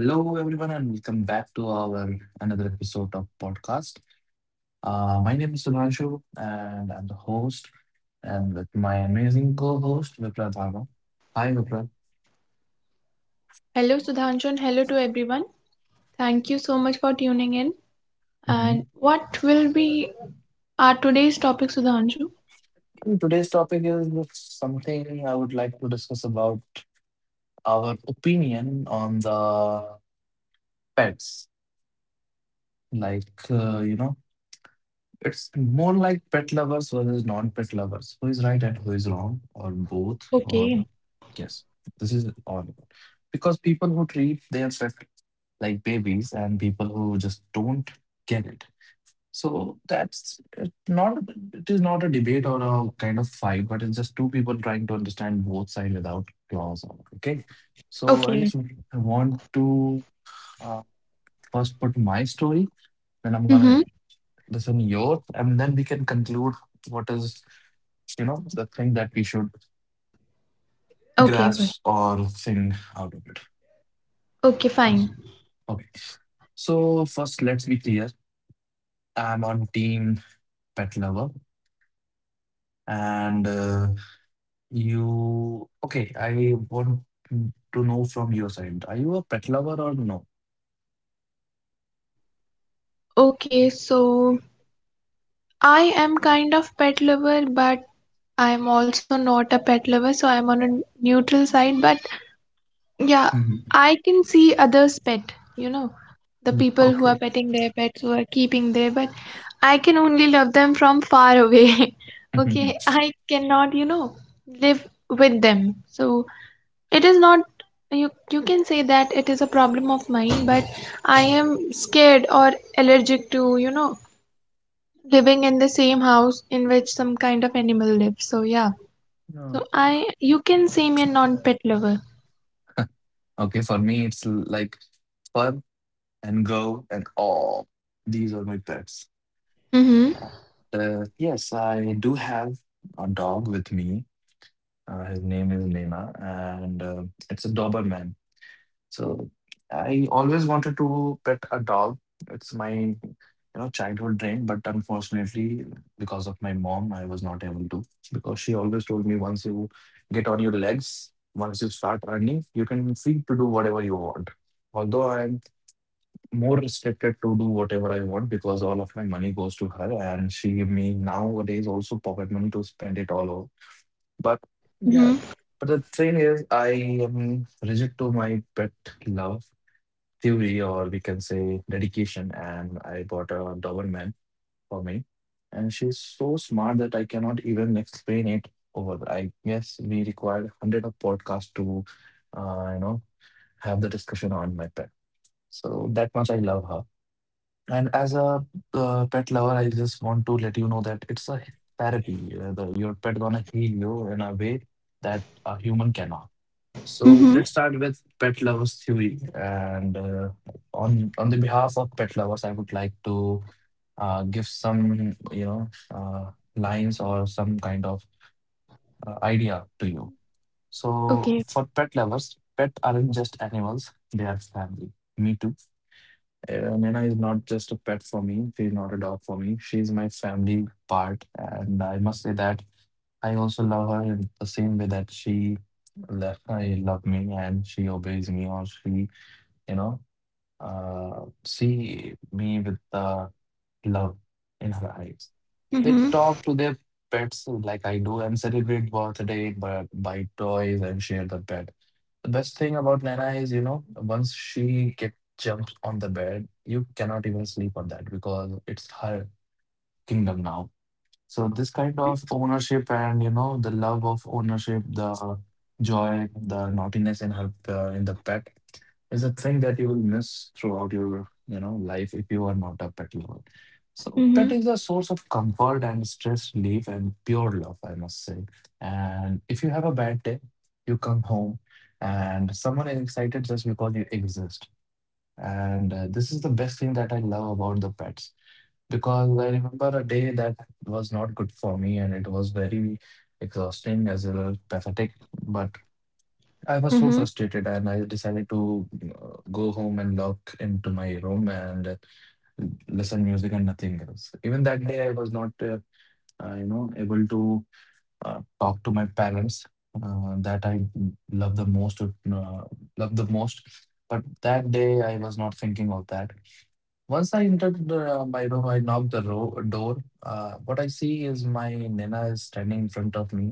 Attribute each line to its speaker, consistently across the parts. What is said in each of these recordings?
Speaker 1: Hello, everyone, and welcome back to our another episode of podcast. My name is Sudhanshu, and I'm the host, and with my amazing co-host Vipra Dharma. Hi, Vipra.
Speaker 2: Hello, Sudhanshu, and hello to everyone. Thank you so much for tuning in. And
Speaker 1: Mhm.
Speaker 2: what will be our today's topic, Sudhanshu?
Speaker 1: And today's topic is something I would like to discuss about our opinion on the pets. Like uh, you know, It's more like pet lovers versus non-pet lovers. Who is right and who is wrong, or both,
Speaker 2: Okay,
Speaker 1: or yes, this is all about. Because people who treat their pet like babies and people who just don't get it. So that's it not. It is not a debate or a kind of fight, but it's just two people trying to understand both sides without claws on. Okay, so
Speaker 2: okay.
Speaker 1: I want to uh, first put my story, then I'm
Speaker 2: Mm-hmm.
Speaker 1: gonna listen yours, and then we can conclude what is, you know, the thing that we should
Speaker 2: Okay, okay.
Speaker 1: grasp or thing out of it.
Speaker 2: Okay, fine.
Speaker 1: Okay, so first let's be clear, I'm on team pet lover, and you okay I want to know from your side, are you a pet lover or no?
Speaker 2: Okay, so I am kind of pet lover, but I'm also not a pet lover, so I'm on a neutral side. But yeah, I can see others' pet, you know, the people who are
Speaker 1: Okay.
Speaker 2: petting their pets, who are keeping their but I can only love them from far away. Okay, I cannot, you know, live with them. So it is not you can say that it is a problem of mine, but I am scared or allergic to, you know, living in the same house in which some kind of animal lives. So yeah. So
Speaker 1: Okay.
Speaker 2: I you can say me a non-pet lover.
Speaker 1: Okay, for me like fur and go and oh, these are my pets.
Speaker 2: Mm-hmm.
Speaker 1: Yes, I do have a dog with me. His name is Nena, and it's a Doberman. So I always wanted to pet a dog. It's my, you know, childhood dream, but unfortunately, because of my mom, I was not able to. Because she always told me, once you get on your legs, once you start earning, you can free to do whatever you want. Although I more restricted to do whatever I want because all of my money goes to her and she give me nowadays also pocket money to spend it all over. But yeah,
Speaker 2: Mm-hmm.
Speaker 1: but the thing is, I am rigid to my pet love theory, or we can say dedication. And I bought a Doberman for me, and she's so smart that I cannot even explain it over. I guess we required 100 of podcast to, uh, you know, have the discussion on my pet. So that much I love her. And as a pet lover, I just want to let you know that it's a therapy. Your pet gonna heal you in a way that a human cannot. So let's
Speaker 2: Mm-hmm.
Speaker 1: start with pet lovers theory. And On the behalf of pet lovers, I would like to give some, you know, lines or some kind of idea to you. So
Speaker 2: Okay.
Speaker 1: for pet lovers, pet aren't just animals; they are family. Me too. Nina is not just a pet for me. She's not a dog for me. She's my family part. And I must say that I also love her in the same way that I love me and she obeys me, or she, you know, see me with the love in her eyes. They
Speaker 2: Mm-hmm.
Speaker 1: talk to their pets like I do and celebrate birthday by toys and share the pet. The best thing about Nana is, you know, once she get jumps on the bed, you cannot even sleep on that because it's her kingdom now. So this kind
Speaker 2: Mm-hmm.
Speaker 1: of ownership and, you know, the love of ownership, the joy, the naughtiness in the pet is a thing that you will miss throughout your, you know, life if you are not a pet lover. So pet
Speaker 2: Mm-hmm.
Speaker 1: is a source of comfort and stress relief and pure love, I must say. And if you have a bad day, you come home and someone is excited just because you exist. And this is the best thing that I love about the pets, because I remember a day that was not good for me and it was very exhausting as well as pathetic. But I was so
Speaker 2: Mm-hmm.
Speaker 1: frustrated and I decided to go home and lock into my room and listen music and nothing else. Even that day, I was not, you know, able to talk to my parents that I love the most, love the most. But that day, I was not thinking of that. Once I entered the, my room, I knocked the door. What I see is my Nina is standing in front of me,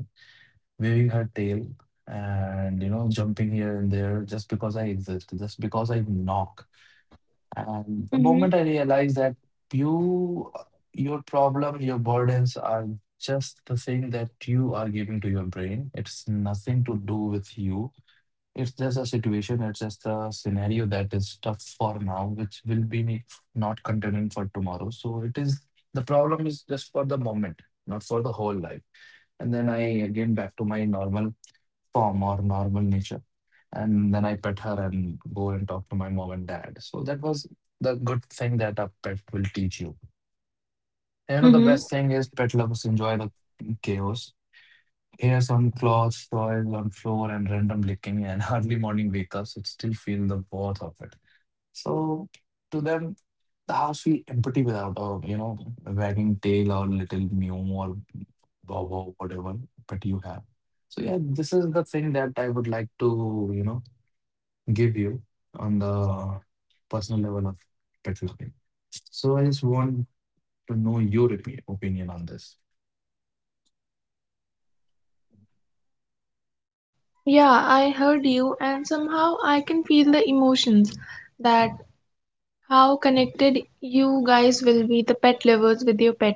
Speaker 1: waving her tail and, you know, jumping here and there just because I exist, just because I knock. And the
Speaker 2: Mm-hmm.
Speaker 1: moment I realize that you, your problem, your burdens are just the thing that you are giving to your brain, it's nothing to do with you, it's just a situation, it's just a scenario that is tough for now, which will be not continuing for tomorrow. So it is, the problem is just for the moment, not for the whole life. And then I again back to my normal form or normal nature. And then I pet her and go and talk to my mom and dad. So that was the good thing that a pet will teach you. You know, the
Speaker 2: Mm-hmm.
Speaker 1: best thing is pet lovers enjoy the chaos here, some clothes, soil on floor, and random licking, and early morning wake ups. It still feel the worth of it. So to them, the house feel empty without a, you know, a wagging tail or little mew or bow wow, whatever pet you have. So yeah, this is the thing that I would like to, you know, give you on the personal level of pet loving. So I just want to know your opinion on this.
Speaker 2: Yeah, I heard you, and somehow I can feel the emotions that how connected you guys will be, the pet lovers, with your pet.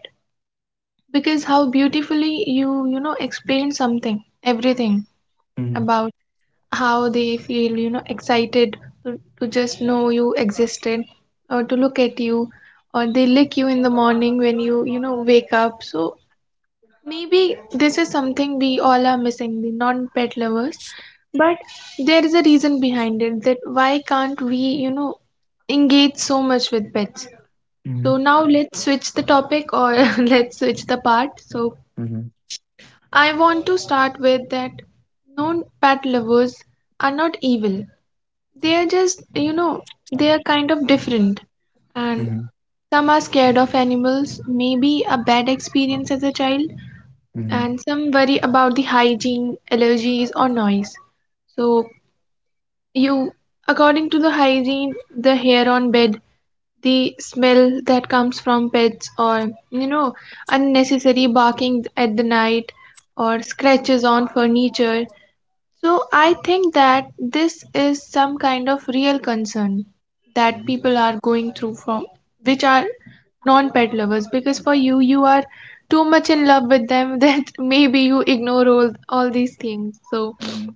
Speaker 2: Because how beautifully you, you know, explain something, everything
Speaker 1: Mm-hmm.
Speaker 2: about how they feel, you know, excited to just know you existed or to look at you or they lick you in the morning when you know, wake up. So maybe this is something we all are missing, the non-pet lovers. But there is a reason behind it that why can't we, you know, engage so much with pets?
Speaker 1: Mm-hmm.
Speaker 2: So now let's switch the topic, or let's switch the part. So
Speaker 1: Mm-hmm.
Speaker 2: I want to start with that non-pet lovers are not evil. They are just, you know, they are kind of different. And some are scared of animals, maybe a bad experience as a child,
Speaker 1: Mm-hmm.
Speaker 2: and some worry about the hygiene, allergies, or noise. So, you, according to the hygiene, the hair on bed, the smell that comes from pets, or you know, unnecessary barking at the night, or scratches on furniture, so I think that this is some kind of real concern that
Speaker 1: Mm-hmm.
Speaker 2: people are going through from which are non-pet lovers, because for you you are too much in love with them that maybe you ignore all these things. So,
Speaker 1: Mhm.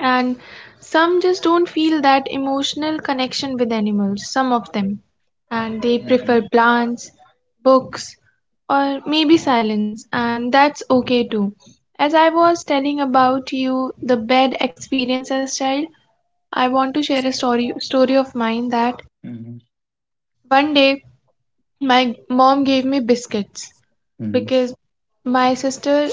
Speaker 2: and some just don't feel that emotional connection with animals, some of them, and they
Speaker 1: Mhm.
Speaker 2: prefer plants, books, or maybe silence, and that's okay too. As I was telling about you the bed experience as child, I want to share a story of mine that
Speaker 1: Mhm.
Speaker 2: one day my mom gave me biscuits
Speaker 1: Mhm.
Speaker 2: because my sister,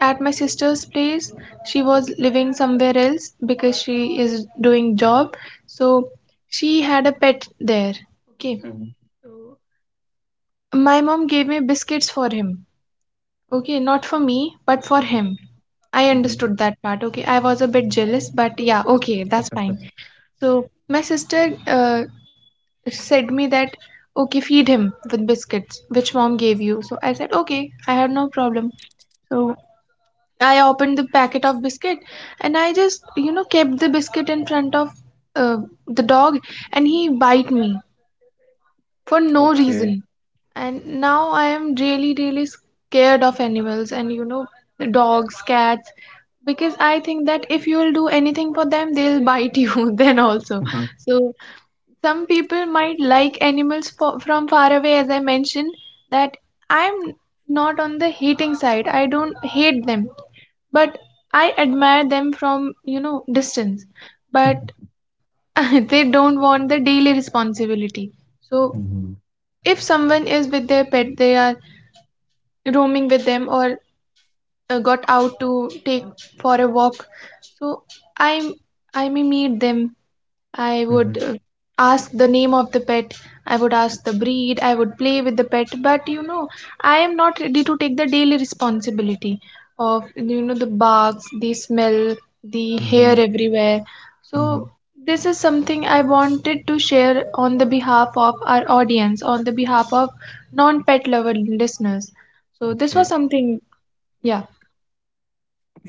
Speaker 2: at my sister's place, she was living somewhere else because she is doing job. So she had a pet there, okay.
Speaker 1: Mhm.
Speaker 2: My mom gave me biscuits for him, okay, not for me but for him. I
Speaker 1: Mhm.
Speaker 2: understood that part, okay. I was a bit jealous, but yeah, okay, that's fine. So my sister said me that okay, feed him with biscuits which mom gave you. So I said okay, I had no problem. So I opened the packet of biscuit, and I just, you know, kept the biscuit in front of uh, the dog, and he bite me for no
Speaker 1: Okay.
Speaker 2: reason. And now I am really, really scared of animals and, you know, dogs, cats, because I think that if you will do anything for them, they'll bite you then also.
Speaker 1: Mhm.
Speaker 2: So some people might like animals from far away, as I mentioned, that I'm not on the hating side. I don't hate them, but I admire them from, you know, distance. But they don't want the daily responsibility. So
Speaker 1: Mhm.
Speaker 2: if someone is with their pet, they are roaming with them or got out to take for a walk. So I I may meet them, I would
Speaker 1: Mhm.
Speaker 2: ask the name of the pet, I would ask the breed, I would play with the pet, but you know, I am not ready to take the daily responsibility of you know the barks, the smell, the hair
Speaker 1: Mhm.
Speaker 2: everywhere. So
Speaker 1: Mhm.
Speaker 2: this is something I wanted to share on the behalf of our audience, on the behalf of non-pet lover listeners. So this was
Speaker 1: Okay.
Speaker 2: something, yeah.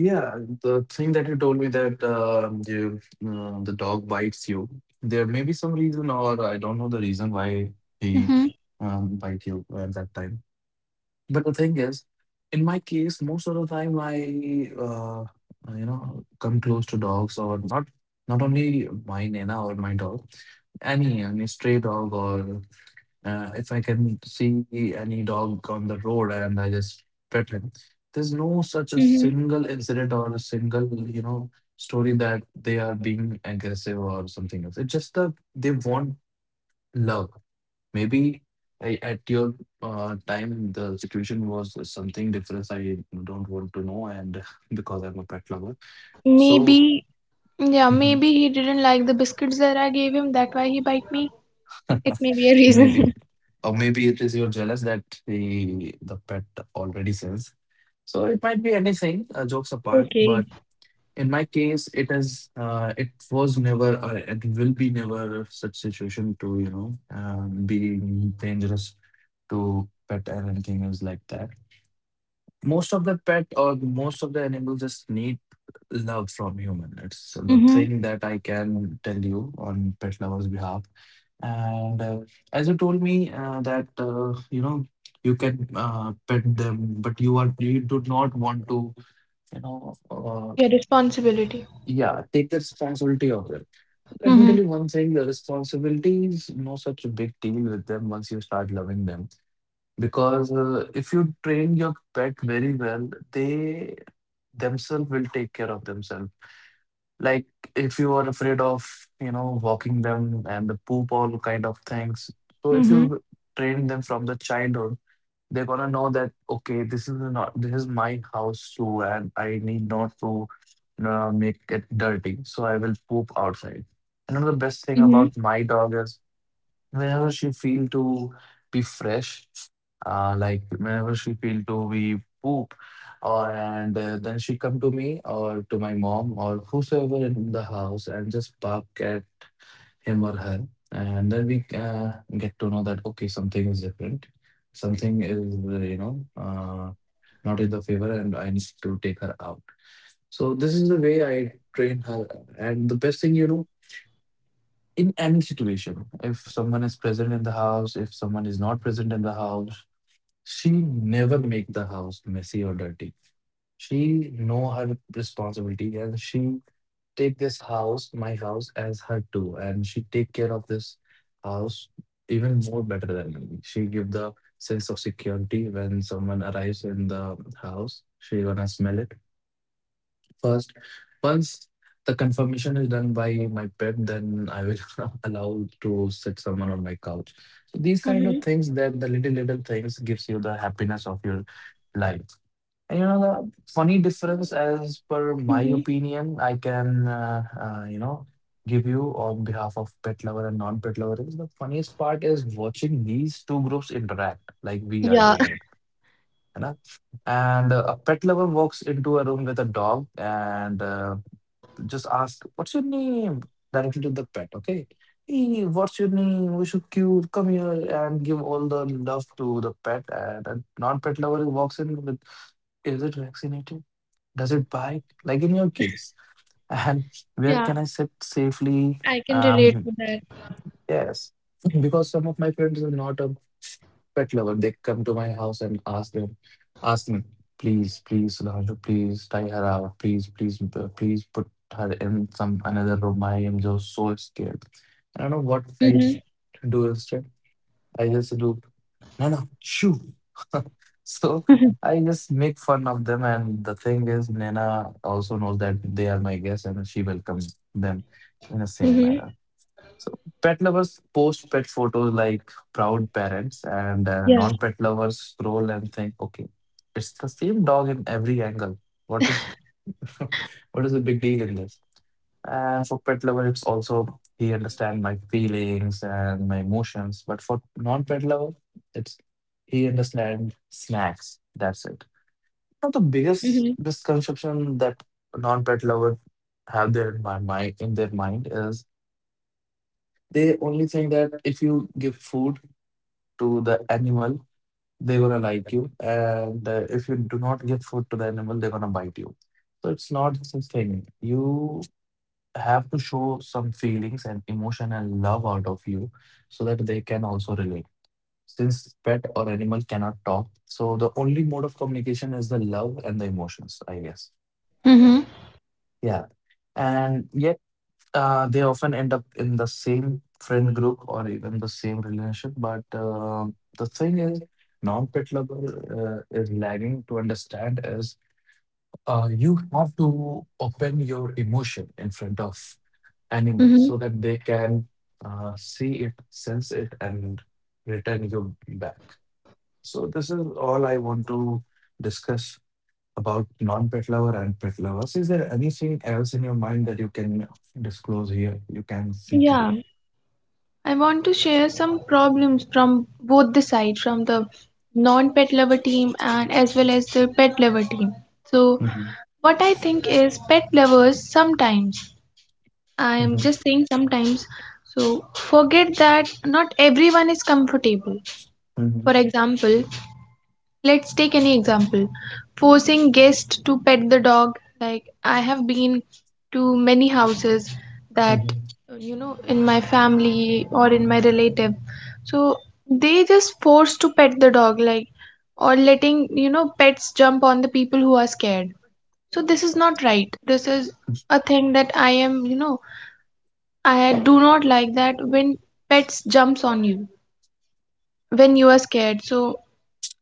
Speaker 1: Yeah, the thing that you told me that you, the dog bites you, there may be some reason, or I don't know the reason why he
Speaker 2: Mm-hmm.
Speaker 1: bite you at that time. But the thing is, in my case, most of the time I, you know, come close to dogs, or not only mine, Nena, or my dog. Any stray dog, or if I can see any dog on the road and I just pet him. There's no such a
Speaker 2: Mm-hmm.
Speaker 1: single incident or a single, you know, story that they are being aggressive or something else. It's just that they want love. Maybe I, at your time, the situation was something different. I don't want to know, and because I'm a pet lover. So,
Speaker 2: Maybe, yeah, maybe he didn't like the biscuits that I gave him, that why he bite me. It may be a reason.
Speaker 1: maybe. Or maybe it is you're jealous that the pet already sings. So it might be anything, jokes apart.
Speaker 2: Okay.
Speaker 1: But in my case, it is, it was never or it will be never such situation to, you know, being dangerous to pet or anything else like that. Most of the pet or most of the animals just need love from human. It's the
Speaker 2: Mm-hmm.
Speaker 1: thing that I can tell you on pet lovers behalf. And as you told me that, you know, you can pet them but you do not want to, you know,
Speaker 2: Yeah, responsibility.
Speaker 1: yeah, take the responsibility of them. Let me tell
Speaker 2: Mm-hmm.
Speaker 1: you one thing, the responsibility is no such a big deal with them once you start loving them, because if you train your pet very well, they themselves will take care of themselves. Like if you are afraid of, you know, walking them and the poop, all kind of things. So if
Speaker 2: Mm-hmm.
Speaker 1: you train them from the childhood, they're gonna know that okay, this is not this is my house too, and I need not to make it dirty. So I will poop outside. Another best thing
Speaker 2: Mm-hmm.
Speaker 1: about my dog is whenever she feel to be fresh, like whenever she feel to be poop or and then she come to me or to my mom or whosoever in the house and just bark at him or her. And then we get to know that okay, something is different, something is, uh, you know uh, not in the favor and I need to take her out. So this is the way I train her. And the best thing, you know, in any situation, if someone is present in the house, if someone is not present in the house, she never make the house messy or dirty. She know her responsibility and she take this house, my house, as her too, and she take care of this house even more better than me. She give the sense of security when someone arrives in the house, she gonna smell it first. Once the confirmation is done by my pet, then I will allow to sit someone on my couch. So these kind of
Speaker 2: Mm-hmm.
Speaker 1: things, that the little little things gives you the happiness of your life. And you know the funny difference, as per my
Speaker 2: Mm-hmm.
Speaker 1: opinion, I can give you on behalf of pet lover and non-pet lover is the funniest part is watching these two groups interact like we are
Speaker 2: Yeah.
Speaker 1: doing it. है ना? And a pet lover walks into a room with a dog, and just ask, what's your name? Directly to the pet, okay? Hey, what's your name? What's your cute? Come here and give all the love to the pet. And a non-pet lover who walks in with, is it vaccinated? Does it bite? Like in your case. And where
Speaker 2: Yeah.
Speaker 1: can I sit safely?
Speaker 2: I can relate
Speaker 1: Um.
Speaker 2: to that.
Speaker 1: Yes. Because some of my friends are not a pet lover. They come to my house and ask me, please, please, Sudhanshu, please tie her out. Please, please, please put her in some another room. I am just so scared. I don't know what I
Speaker 2: Mm-hmm.
Speaker 1: do instead. I just do, no, no, shoo. So I just make fun of them. And the thing is, Nena also knows that they are my guests and she welcomes them in the same
Speaker 2: Mm-hmm.
Speaker 1: manner. So pet lovers post pet photos like proud parents, and
Speaker 2: Yeah.
Speaker 1: non-pet lovers scroll and think, okay, it's the same dog in every angle. What is what is the big deal in this? And for pet lover, it's also he understand my feelings and my emotions. But for non-pet lover, it's he understand snacks. That's it. Now the biggest
Speaker 2: Mm-hmm.
Speaker 1: misconception that non-pet lover have there in my mind in their mind is they only think that if you give food to the animal, they're gonna like you, and if you do not give food to the animal, they're gonna bite you. So it's not such thing. You have to show some feelings and emotion and love out of you so that they can also relate. Since pet or animal cannot talk, so the only mode of communication is the love and the emotions, I guess.
Speaker 2: Mm-hmm.
Speaker 1: Yeah. And yet they often end up in the same friend group or even the same relationship. But the thing is, non-pet lover is lagging to understand is you have to open your emotion in front of animals
Speaker 2: Mm-hmm.
Speaker 1: so that they can see it, sense it, and return you back. So this is all I want to discuss about non-pet lover and pet lovers. Is there anything else in your mind that you can disclose here? You can see to do.
Speaker 2: Yeah, I want to share some problems from both the side, from the non-pet lover team and as well as the pet lover team. So,
Speaker 1: Mhm,
Speaker 2: what I think is pet lovers sometimes, I'm
Speaker 1: mhm,
Speaker 2: just saying sometimes, so forget that not everyone is comfortable. For
Speaker 1: mhm,
Speaker 2: example, let's take any example, forcing guests to pet the dog. Like, I have been to many houses that,
Speaker 1: mhm.
Speaker 2: you know, in my family or in my relative. So they just force to pet the dog, like, or letting, you know, pets jump on the people who are scared. So this is not right. This is a thing that I am you know, I do not like that when pets jumps on you when you are scared. So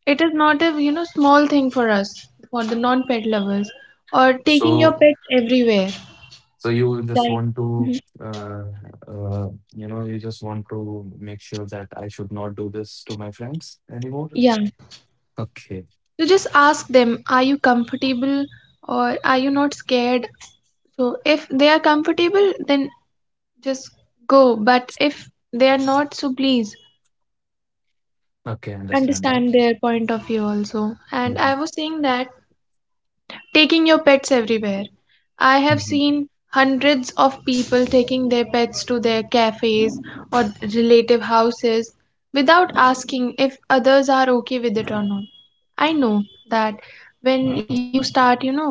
Speaker 2: it is not a you know small thing for us, for the non-pet lovers, or taking your
Speaker 1: So,
Speaker 2: pets everywhere.
Speaker 1: so you just
Speaker 2: Like
Speaker 1: want to,
Speaker 2: Mhm.
Speaker 1: uh, uh, you know, you just want to make sure that I should not do this to my friends anymore.
Speaker 2: Yeah,
Speaker 1: Okay.
Speaker 2: you just ask them, are you comfortable or are you not scared? So if they are comfortable, then just go. But if they are not, so please
Speaker 1: Okay, I understand that.
Speaker 2: understand their point of view also. And
Speaker 1: Mhm,
Speaker 2: I was saying that taking your pets everywhere. I have
Speaker 1: mhm,
Speaker 2: seen hundreds of people taking their pets to their cafes or relative houses without asking if others are okay with it or not. I know that when you start, you know,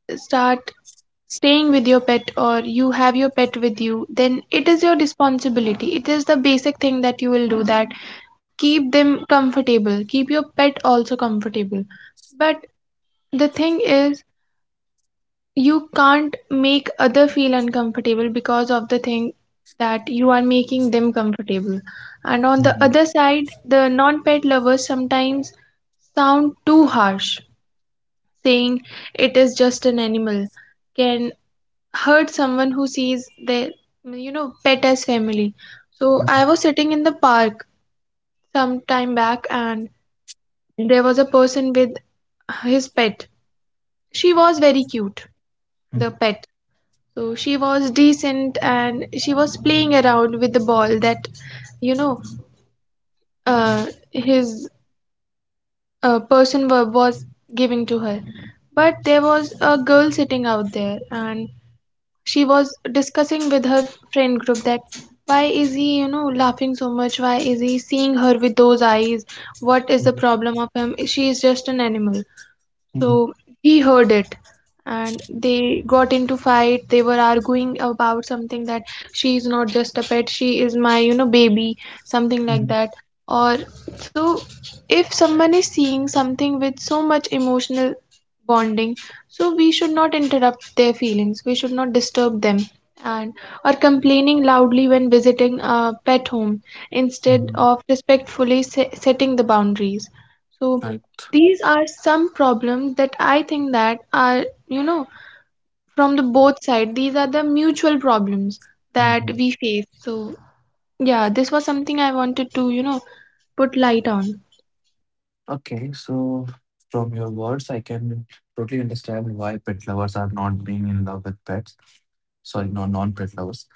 Speaker 2: start staying with your pet or you have your pet with you, then it is your responsibility. It is the basic thing that you will do, that keep them comfortable, keep your pet also comfortable. But the thing is, you can't make other feel uncomfortable because of the thing that you are making them comfortable. And on the
Speaker 1: mhm,
Speaker 2: other side, the non-pet lovers sometimes sound too harsh, saying it is just an animal, can hurt someone who sees their you know pet as family. So
Speaker 1: mhm,
Speaker 2: I was sitting in the park some time back, and there was a person with his pet, she was very cute, the
Speaker 1: mhm,
Speaker 2: pet. So she was decent and she was playing around with the ball that, you know, his person was giving to her. But there was a girl sitting out there and she was discussing with her friend group that why is he, you know, laughing so much? Why is he seeing her with those eyes? What is the
Speaker 1: mhm,
Speaker 2: problem of him? She is just an animal.
Speaker 1: mhm,
Speaker 2: So he heard it, and they got into fight. They were arguing about something, that she is not just a pet, she is my, you know, baby, something like
Speaker 1: mhm,
Speaker 2: that. Or so if someone is seeing something with so much emotional bonding, so we should not interrupt their feelings. We should not disturb them. And or complaining loudly when visiting a pet home instead
Speaker 1: mhm.
Speaker 2: of respectfully setting the boundaries. So these are some problems that I think that are you know from the both side, these are the mutual problems that
Speaker 1: Right.
Speaker 2: we face. So yeah, this was something I wanted to you know put light on.
Speaker 1: Okay, so from your words, I can totally understand why pet lovers are not being in love with pets. Sorry, no, non-pet lovers.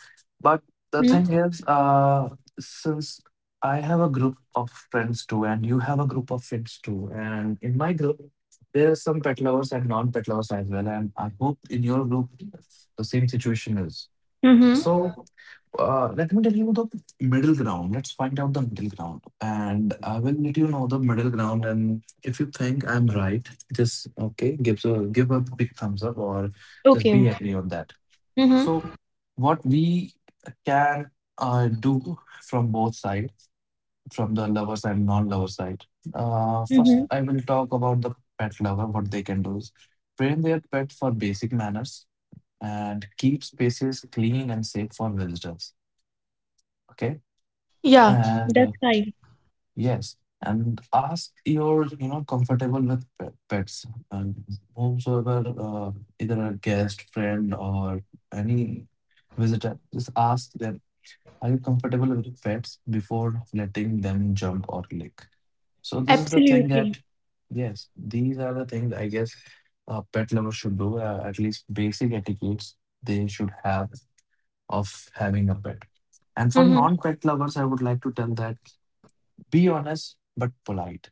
Speaker 1: But the
Speaker 2: Mm-hmm.
Speaker 1: thing is, since I have a group of friends too, and you have a group of friends too, and in my group, there are some pet lovers and non-pet lovers as well. And I hope in your group, the same situation is.
Speaker 2: Mm-hmm.
Speaker 1: So let me tell you the middle ground. Let's find out the middle ground. And I will let you know the middle ground. And if you think I'm right, just okay, give a big thumbs up or just
Speaker 2: Okay, okay.
Speaker 1: be agree on that.
Speaker 2: Mm-hmm.
Speaker 1: So what we can do from both sides, from the lover side and non-lover side.
Speaker 2: Mm-hmm.
Speaker 1: First I will talk about the pet lover. What they can do is train their pet for basic manners and keep spaces clean and safe for visitors. Okay
Speaker 2: Yeah.
Speaker 1: and
Speaker 2: That's fine.
Speaker 1: yes, and ask your you know comfortable with pets and whomsoever either a guest, friend, or any visitor. Just ask them, are you comfortable with pets before letting them jump or lick? So this is the thing that
Speaker 2: Absolutely.
Speaker 1: yes, these are the things I guess a pet lover should do. At least basic etiquettes they should have of having a pet. And for
Speaker 2: Mm-hmm.
Speaker 1: non-pet lovers, I would like to tell that be honest but polite.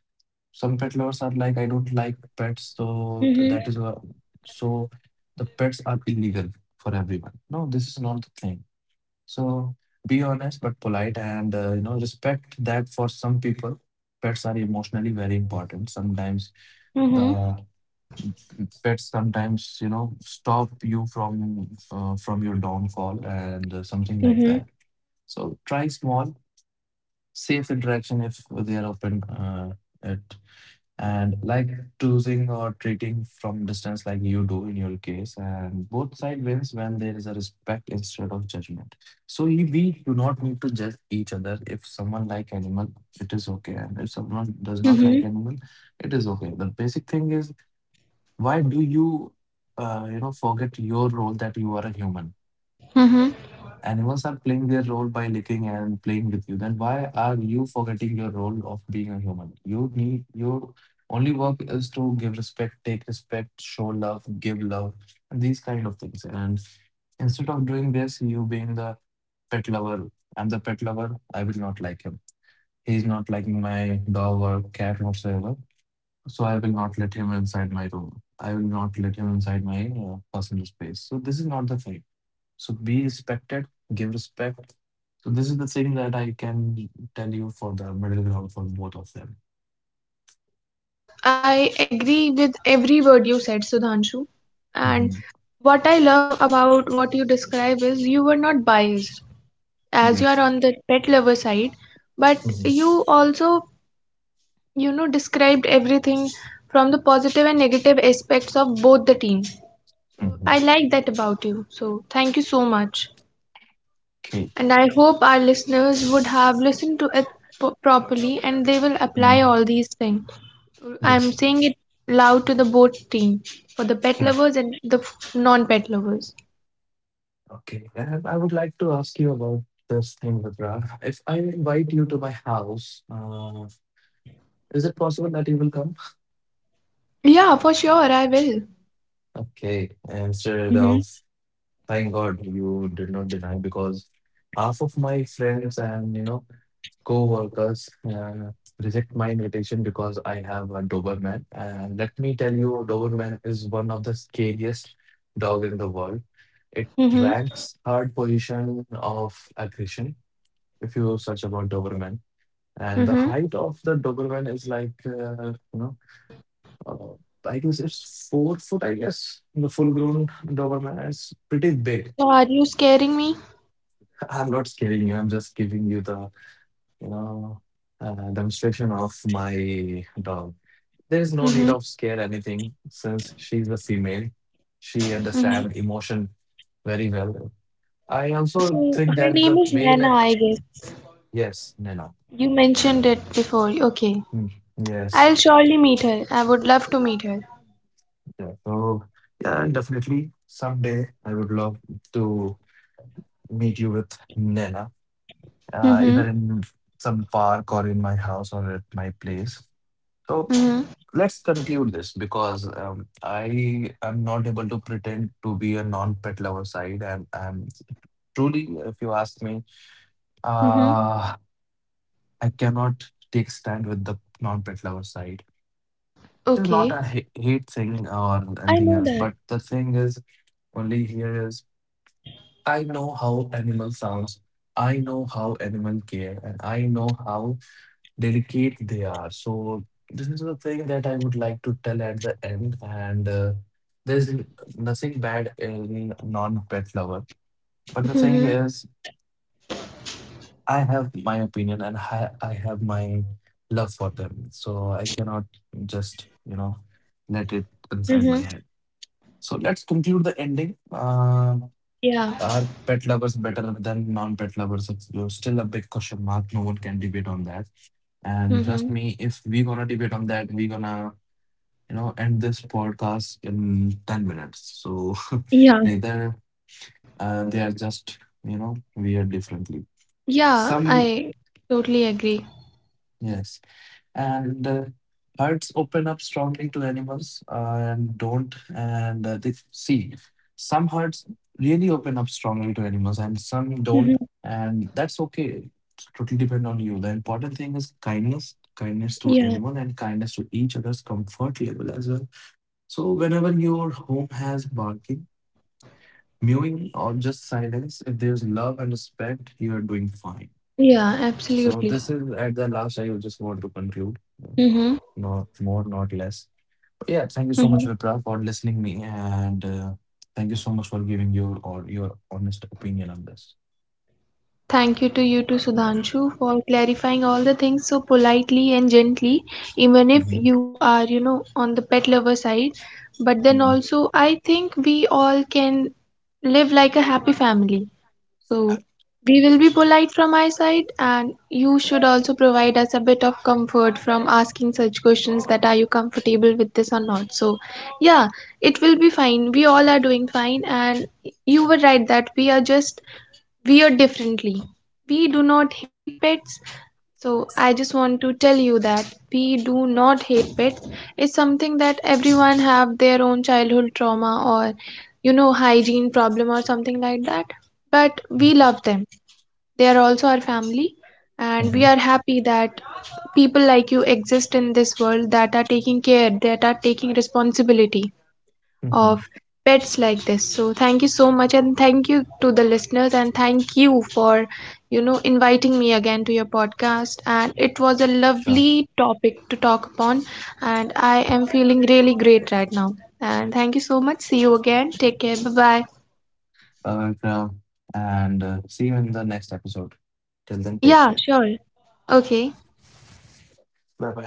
Speaker 1: Some pet lovers are like, I don't like pets, so that
Speaker 2: Mm-hmm.
Speaker 1: is so the pets are illegal for everyone. No, this is not the thing. So be honest but polite, and you know respect that for some people, pets are emotionally very important. Sometimes
Speaker 2: Mm-hmm.
Speaker 1: the pets sometimes you know stop you from your downfall and something like that. So try small, safe interaction if they are open at and like choosing or treating from distance like you do in your case and both side wins when there is a respect instead of judgment. So we do not need to judge each other. If someone like animal, it is okay, and if someone does not like
Speaker 2: Mm-hmm.
Speaker 1: animal, it is okay. The basic thing is, why do you you know forget your role that you are a human?
Speaker 2: Mm-hmm.
Speaker 1: Animals are playing their role by licking and playing with you, then why are you forgetting your role of being a human? You need your only work is to give respect, take respect, show love, give love, and these kind of things. And instead of doing this, you being the pet lover, I'm the pet lover, I will not like him. He's not liking my dog or cat whatsoever. So I will not let him inside my room. I will not let him inside my personal space. So this is not the thing. So be respected, give respect. So this is the thing that I can tell you for the middle ground for both of them.
Speaker 2: I agree with every word you said, Sudhanshu.
Speaker 1: Hmm.
Speaker 2: And what I love about what you describe is you were not biased, as you
Speaker 1: Yes.
Speaker 2: are on the pet lover side, but
Speaker 1: Hmm.
Speaker 2: you also, you know, described everything from the positive and negative aspects of both the team. So
Speaker 1: Hmm.
Speaker 2: I like that about you. So thank you so much.
Speaker 1: Okay.
Speaker 2: And I hope our listeners would have listened to it properly, and they will apply
Speaker 1: Mm.
Speaker 2: all these things.
Speaker 1: Yes.
Speaker 2: I'm saying it loud to the both team, for the pet
Speaker 1: Mm.
Speaker 2: lovers and the non-pet lovers.
Speaker 1: Okay. And I would like to ask you about this thing, Vibra. If I invite you to my house, is it possible that you will come?
Speaker 2: Yeah, for sure, I will.
Speaker 1: Okay. Instead of
Speaker 2: Mm-hmm.
Speaker 1: thank God you did not deny because half of my friends and you know co-workers reject my invitation because I have a Doberman. And let me tell you, Doberman is one of the scariest dog in the world. It
Speaker 2: Mm-hmm.
Speaker 1: ranks third position of aggression if you search about Doberman. And the
Speaker 2: Mm-hmm.
Speaker 1: height of the Doberman is like you know uh, I guess it's 4 foot. I guess the full grown Doberman is pretty big.
Speaker 2: So are you scaring me?
Speaker 1: I'm not scaring you. I'm just giving you the, you know, demonstration of my dog. There is no need
Speaker 2: Mm-hmm.
Speaker 1: of scare anything since she's a female. She
Speaker 2: Mm-hmm.
Speaker 1: understands emotion very well. I also
Speaker 2: So
Speaker 1: think
Speaker 2: her
Speaker 1: that the
Speaker 2: name is
Speaker 1: male,
Speaker 2: Nana, I guess.
Speaker 1: yes, Nena.
Speaker 2: You mentioned it before. Okay.
Speaker 1: Mm. Yes.
Speaker 2: I'll surely meet her. I would love to meet her.
Speaker 1: Yeah, so yeah, definitely someday I would love to meet you with Nena, either
Speaker 2: Mm-hmm.
Speaker 1: in some park or in my house or at my place. So
Speaker 2: Mm-hmm.
Speaker 1: let's conclude this because I am not able to pretend to be a non-pet lover side, and I'm truly, if you ask me,
Speaker 2: Mm-hmm.
Speaker 1: uh, I cannot take stand with the non-pet lover side. It is not
Speaker 2: Okay.
Speaker 1: a hate thing or
Speaker 2: I
Speaker 1: anything
Speaker 2: know
Speaker 1: else,
Speaker 2: that.
Speaker 1: but the thing is only here is I know how animal sounds, I know how animal care, and I know how dedicate they are. So this is the thing that I would like to tell at the end. And there's nothing bad in non-pet lover. But the thing
Speaker 2: Mm-hmm.
Speaker 1: is, I have my opinion and I have my love for them. So I cannot just, you know, let it inside my
Speaker 2: Mm-hmm.
Speaker 1: head. So let's conclude the ending. Um,
Speaker 2: Yeah.
Speaker 1: are pet lovers better than non-pet lovers? It's still a big question mark. No one can debate on that. And trust
Speaker 2: Mm-hmm.
Speaker 1: me, if we're gonna debate on that, we're gonna, you know, end this podcast in 10 minutes. So
Speaker 2: Yeah.
Speaker 1: neither they are just, you know, we are differently.
Speaker 2: Yeah,
Speaker 1: Some,
Speaker 2: I totally agree.
Speaker 1: yes, and hearts open up strongly to animals and don't and they see some hearts really open up strongly to animals and some don't,
Speaker 2: Mm-hmm.
Speaker 1: and that's okay. It's totally depend on you. The important thing is kindness, kindness to
Speaker 2: Yeah,
Speaker 1: animal and kindness to each other's comfort level as well. So whenever your home has barking, mewing, or just silence, if there's love and respect, you are doing fine.
Speaker 2: yeah,
Speaker 1: So
Speaker 2: absolutely.
Speaker 1: this is at the last. I just want to conclude,
Speaker 2: Mm-hmm.
Speaker 1: not more, not less. Yeah, thank you so much,
Speaker 2: Mm-hmm.
Speaker 1: Vipra, for listening me, and thank you so much for giving your or your honest opinion on this.
Speaker 2: Thank you to you too, Sudhanshu, for clarifying all the things so politely and gently, even if
Speaker 1: Mm-hmm.
Speaker 2: you are, you know, on the pet lover side. But then
Speaker 1: Mm-hmm.
Speaker 2: also, I think we all can live like a happy family. So, we will be polite from my side, and you should also provide us a bit of comfort from asking such questions that are you comfortable with this or not. So, yeah, it will be fine. We all are doing fine, and you were right that we are just weird differently. We do not hate pets, so I just want to tell you that we do not hate pets. It's something that everyone have their own childhood trauma or you know hygiene problem or something like that. But
Speaker 1: Mm-hmm.
Speaker 2: we love them. They are also our family,
Speaker 1: Mm-hmm.
Speaker 2: and we are happy that people like you exist in this world that are taking care, that are taking responsibility
Speaker 1: Mm-hmm.
Speaker 2: of pets like this. So thank you so much, and thank you to the listeners, and thank you for you know inviting me again to your podcast, and it was a
Speaker 1: Sure.
Speaker 2: lovely topic to talk upon, and I am feeling really great right now. And thank you so much. See you again. Take care. Bye bye.
Speaker 1: Bye, Vipra, and see you in the next episode. Till then, take care.
Speaker 2: Yeah, sure. Okay.
Speaker 1: Bye bye.